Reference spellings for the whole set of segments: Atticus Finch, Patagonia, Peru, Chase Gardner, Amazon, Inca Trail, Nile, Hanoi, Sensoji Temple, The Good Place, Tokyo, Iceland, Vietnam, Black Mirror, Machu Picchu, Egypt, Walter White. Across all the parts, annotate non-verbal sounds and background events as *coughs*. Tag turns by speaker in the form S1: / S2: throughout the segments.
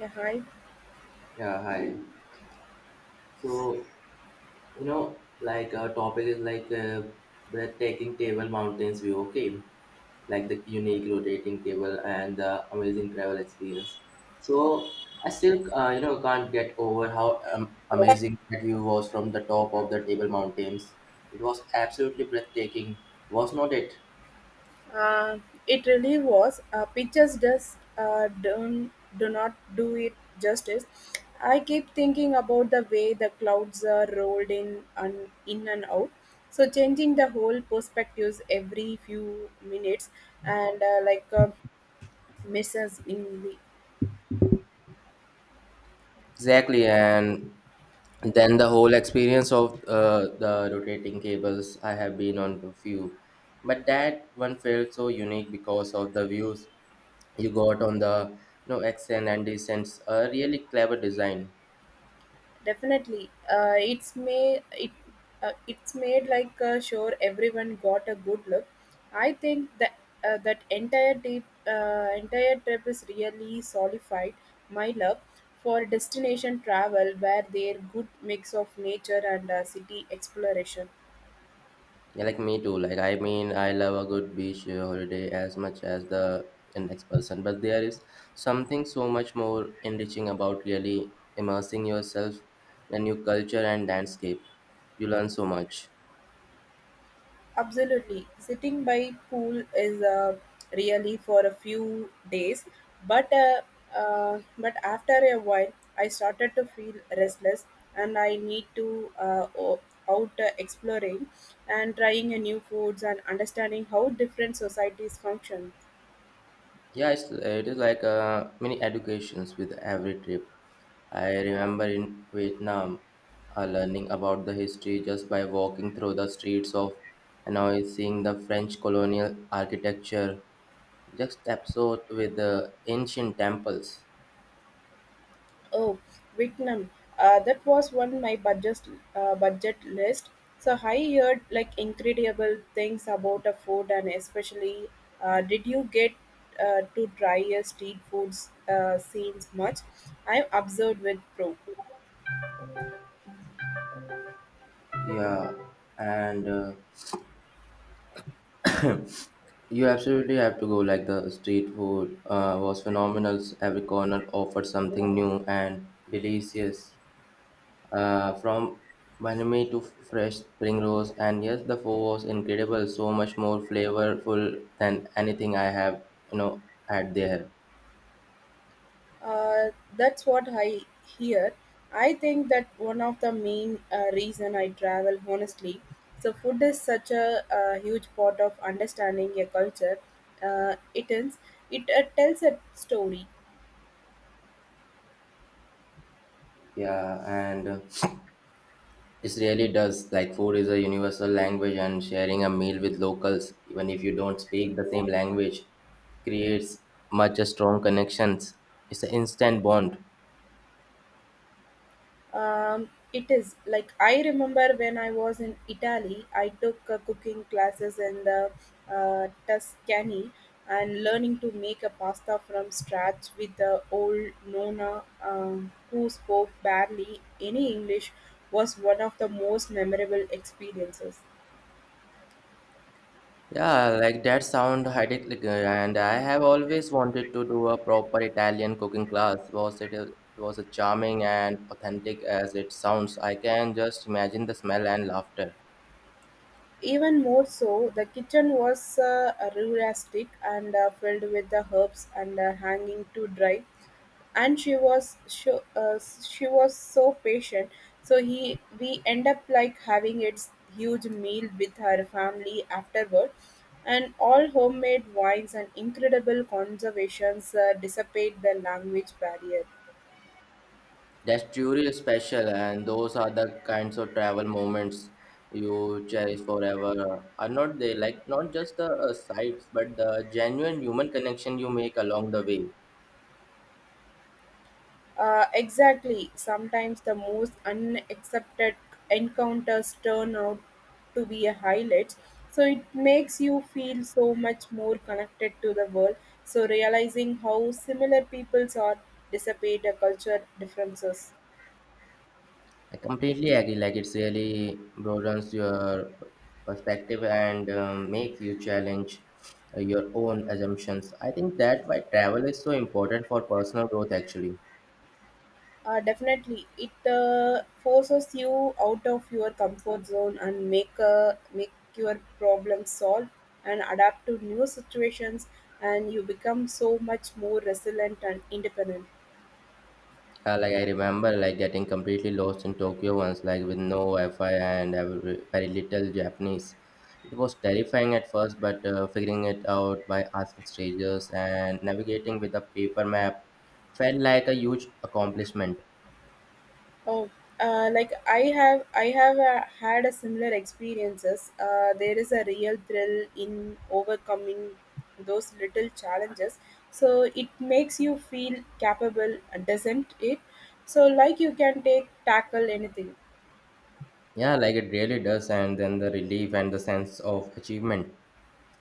S1: Yeah, hi.
S2: Yeah, hi. So, like our topic is like breathtaking table mountains view, okay? Like the unique rotating table and the amazing travel experience. So, I still, can't get over how amazing that view was from the top of the table mountains. It was absolutely breathtaking, was not it?
S1: Uh, it really was. Pictures just don't do not do it justice. I keep thinking about the way the clouds are rolled in and out, so changing the whole perspectives every few minutes and messes in the.
S2: Exactly, and then the whole experience of the rotating cables I have been on to few, but that one felt so unique because of the views you got on the accent and descents, a really clever design.
S1: Definitely, it's made it it's made like sure everyone got a good look. I think that entire trip is really solidified my love for destination travel, where there good mix of nature and city exploration.
S2: Yeah, like me too. Like I mean I love a good beach holiday as much as the next person, but there is something so much more enriching about really immersing yourself in a new culture and landscape. You learn so much.
S1: Absolutely. Sitting by pool is really for a few days, but uh, but after a while, I started to feel restless, and I need to out exploring and trying a new foods and understanding how different societies function.
S2: Yeah, it is like many educations with every trip. I remember in Vietnam, learning about the history just by walking through the streets of Hanoi, seeing the French colonial architecture, just absorbed with the ancient temples.
S1: Oh, Vietnam. That was one my budget list. So I heard like incredible things about the food, and especially did you get to try a street food scenes much? I'm observed with pro.
S2: Yeah, and *coughs* you absolutely have to go. Like the street food was phenomenal. Every corner offered something new and delicious. From Manami to fresh spring rolls, and yes, the food was incredible, so much more flavorful than anything I have, had there.
S1: Uh, that's what I hear. I think that one of the main reason I travel honestly. So food is such a, huge part of understanding a culture. It is it tells a story.
S2: Yeah, and it really does. Like, food is a universal language, and sharing a meal with locals, even if you don't speak the same language, creates much a strong connections. It's an instant bond.
S1: It is like I remember when I was in Italy, I took cooking classes in the Tuscany, and learning to make a pasta from scratch with the old Nona who spoke barely any English was one of the most memorable experiences.
S2: Yeah, like that sound idyllic, and I have always wanted to do a proper Italian cooking class. Was it was a charming and authentic as it sounds. I can just imagine the smell and laughter.
S1: Even more so, the kitchen was rustic and filled with the herbs and hanging to dry. And she was so patient. So he we end up like having its huge meal with her family afterward, and all homemade wines and incredible conservations dissipate the language barrier.
S2: That's truly special, and those are the kinds of travel moments you cherish forever. Are not they, like, not just the sights, but the genuine human connection you make along the way?
S1: Exactly. Sometimes the most unaccepted encounters turn out to be a highlights. So it makes you feel so much more connected to the world, so realizing how similar peoples are dissipate a culture differences.
S2: I completely agree. Like it's really broadens your perspective and makes you challenge your own assumptions. I think that why travel is so important for personal growth. Actually,
S1: Definitely, it forces you out of your comfort zone and make your problem solve and adapt to new situations, and you become so much more resilient and independent.
S2: like I remember like getting completely lost in Tokyo once, like with no Wi-Fi and very little Japanese. It was terrifying at first, but figuring it out by asking strangers and navigating with a paper map felt like a huge accomplishment.
S1: Oh, like I have had a similar experiences. There is a real thrill in overcoming those little challenges. So it makes you feel capable, doesn't it? So like you can take tackle anything.
S2: Yeah, like it really does, and then the relief and the sense of achievement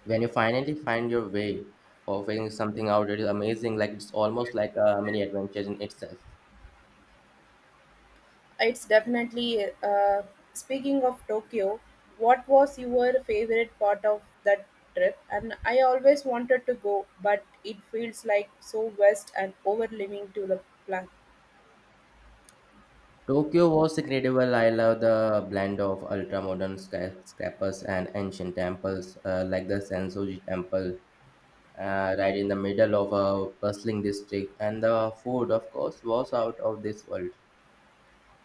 S2: when you finally find your way of figuring something out. It is amazing. Like it's almost like a mini adventure in itself.
S1: It's definitely. Speaking of Tokyo, what was your favorite part of that trip? And I always wanted to go, but it feels like so vast and overwhelming to the plan.
S2: Tokyo was incredible. I love the blend of ultra modern skyscrapers and ancient temples, like the Sensoji Temple, right in the middle of a bustling district, and the food, of course, was out of this world.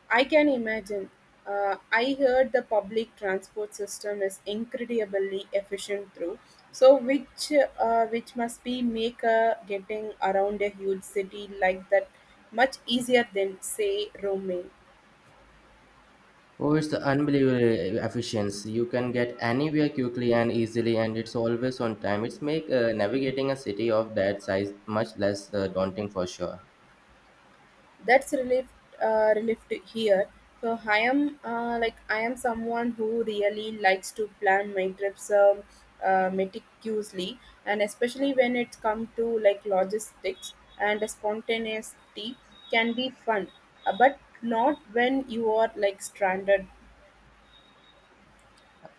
S1: I can imagine. I heard the public transport system is incredibly efficient through. So which must be make getting around a huge city like that much easier than say Rome.
S2: Oh, it's unbelievable efficiency. You can get anywhere quickly and easily, and it's always on time. It's make navigating a city of that size much less daunting for sure.
S1: That's relief, relief to hear. So I am someone who really likes to plan my trips, meticulously, and especially when it comes to like logistics, and spontaneity can be fun, but not when you are like stranded.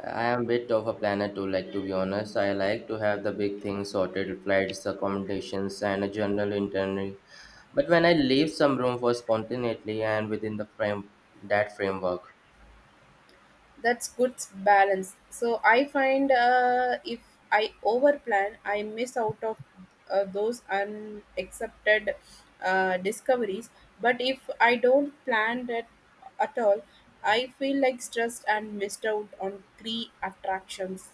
S2: I am a bit of a planner too, like, to be honest. I like to have the big things sorted, flights, accommodations, and a general itinerary. But when I leave some room for spontaneity and within the frame that framework.
S1: That's good balance. So I find, if I overplan, I miss out of those unaccepted discoveries, but if I don't plan that at all, I feel like stressed and missed out on three attractions.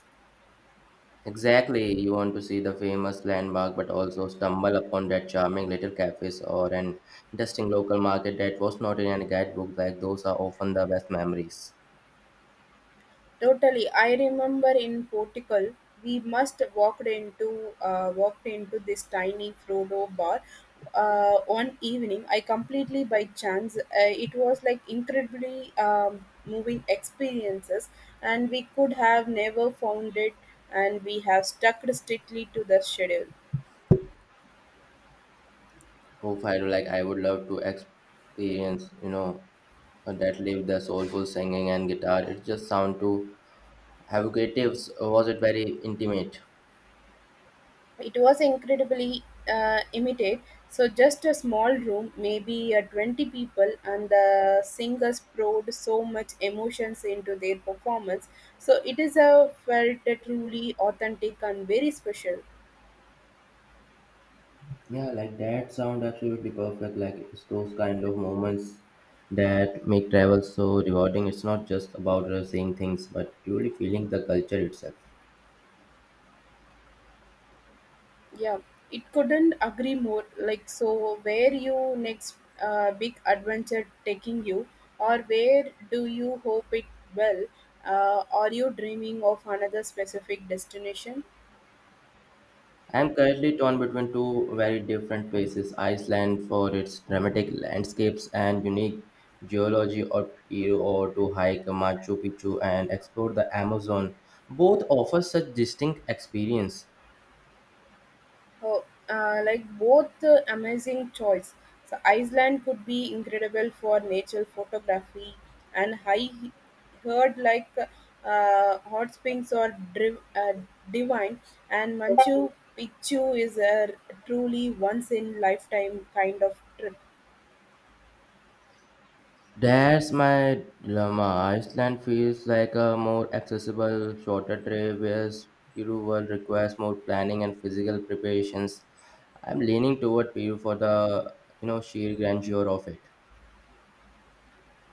S2: Exactly, you want to see the famous landmark but also stumble upon that charming little cafes or an interesting local market that was not in any guidebook. Like those are often the best memories.
S1: Totally. I remember in Portugal, we must walked into this tiny Frodo bar one evening. I completely by chance. It was like incredibly moving experiences, and we could have never found it, and we have stuck strictly to the schedule.
S2: If I like, I would love to experience, that live the soulful singing and guitar. It just sound too evocative. Was it very intimate?
S1: It was incredibly immediate. So just a small room, maybe 20 people, and the singers poured so much emotions into their performance. So it is a felt truly authentic and very special.
S2: Yeah, like that sound absolutely perfect. Like it's those kind of moments that make travel so rewarding. It's not just about seeing things, but truly feeling the culture itself.
S1: Yeah, it couldn't agree more. Like so, where you next big adventure taking you, or where do you hope it will? Are you dreaming of another specific destination?
S2: I'm currently torn between two very different places: Iceland for its dramatic landscapes and unique geology, or Peru, or to hike Machu Picchu and explore the Amazon. Both offer such distinct experience.
S1: Oh, like both amazing choice. So Iceland could be incredible for nature photography, and I heard like hot springs are divine, and Machu Picchu is a truly once in lifetime kind of trip.
S2: That's my dilemma. Iceland feels like a more accessible, shorter trip, whereas Peru will requires more planning and physical preparations. I'm leaning toward Peru for the sheer grandeur of it.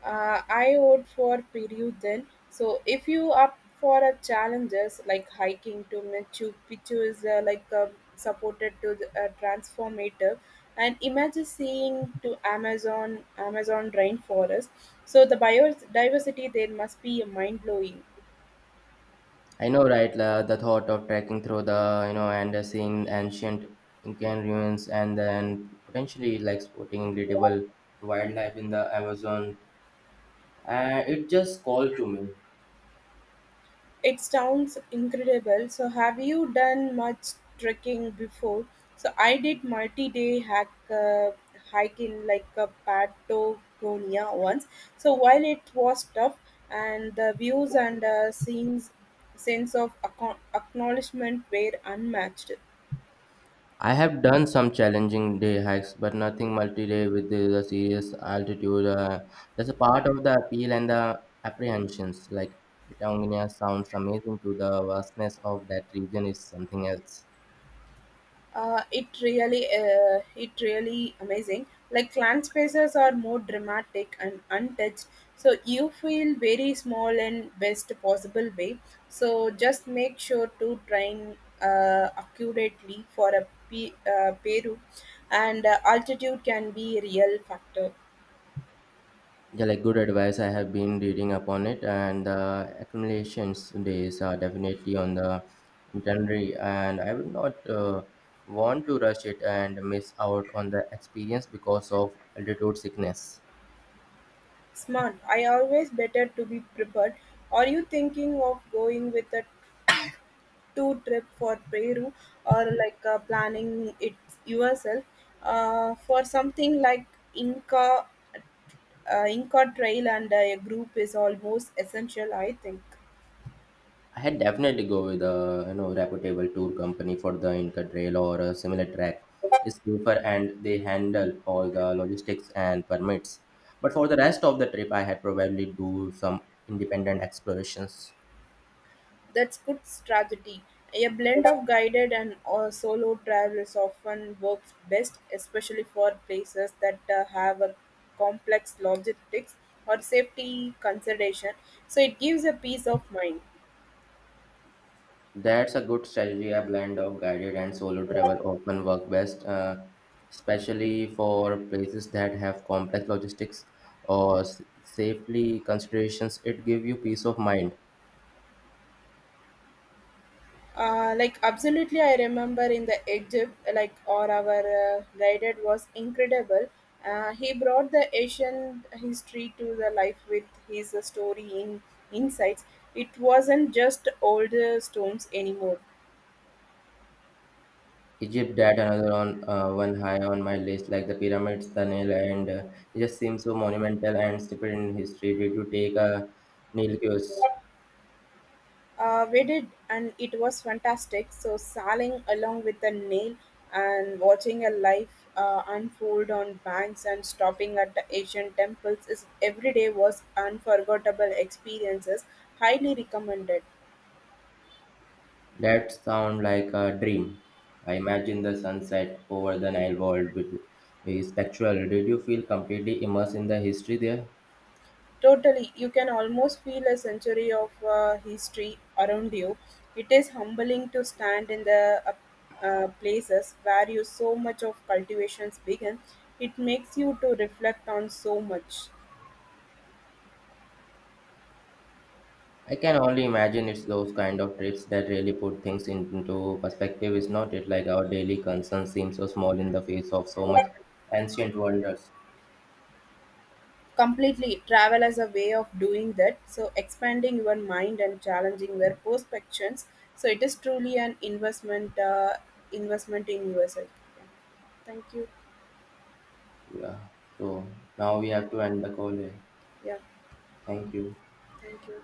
S1: I would for Peru then. So if you up for a challenges, like hiking to Machu Picchu is supported to the, transformative, and imagine seeing to Amazon rainforest. So the biodiversity there must be mind blowing.
S2: I know, right? The thought of trekking through the and seeing ancient Incan ruins, and then potentially like spotting incredible wildlife in the Amazon. It just called to me.
S1: It sounds incredible. So, have you done much trekking before? So, I did multi-day hack hike in like a Patagonia once. So, while it was tough, and the views and scenes, sense of acknowledgement were unmatched.
S2: I have done some challenging day hikes, but nothing multi-day with the serious altitude. That's a part of the appeal and the apprehensions. Like Patagonia sounds amazing to the vastness of that region is something else.
S1: It really amazing, like clan spaces are more dramatic and untouched, so you feel very small in best possible way. So just make sure to train accurately for a Peru, and altitude can be a real factor.
S2: Yeah, like good advice. I have been reading upon it, and the accumulations days are definitely on the itinerary, and I would not want to rush it and miss out on the experience because of altitude sickness.
S1: Smart. I always better to be prepared. Are you thinking of going with a to trip for Peru, or like planning it yourself, for something like Inca Inca Trail, and a group is almost essential, I think.
S2: I had definitely go with a reputable tour company for the Inca Trail or a similar track. It's safer and they handle all the logistics and permits. But for the rest of the trip, I had probably do some independent explorations.
S1: That's good strategy. A blend of guided and solo travels often works best, especially for places that have a complex logistics or safety consideration. So it gives a peace of mind.
S2: That's a good strategy. A blend of guided and solo travel often work best, especially for places that have complex logistics or safely considerations. It gives you peace of mind.
S1: Absolutely, I remember in the Egypt, like or our guided was incredible. He brought the Asian history to the life with his story in insights. It wasn't just old stones anymore.
S2: Egypt that another on one high on my list, like the pyramids, the Nile, and it just seems so monumental and steeped in history. Did you take a Nile cruise?
S1: We did, and it was fantastic. So, sailing along with the Nile and watching a life unfold on banks and stopping at the Asian temples is every day was unforgettable experiences. Highly recommended.
S2: That sound like a dream. I imagine the sunset over the Nile world with is spectral. Did you feel completely immersed in the history there?
S1: Totally, you can almost feel a century of history around you. It is humbling to stand in the places where you so much of cultivations begin. It makes you to reflect on so much.
S2: I can only imagine it's those kind of trips that really put things into perspective. Is not it, like, our daily concerns seem so small in the face of so much ancient wonders?
S1: Completely. Travel as a way of doing that, so expanding your mind and challenging your perspectives. So it is truly an investment in yourself. Yeah. Thank you.
S2: Yeah, so now we have to end the call here.
S1: Yeah.
S2: Thank you.
S1: Thank you.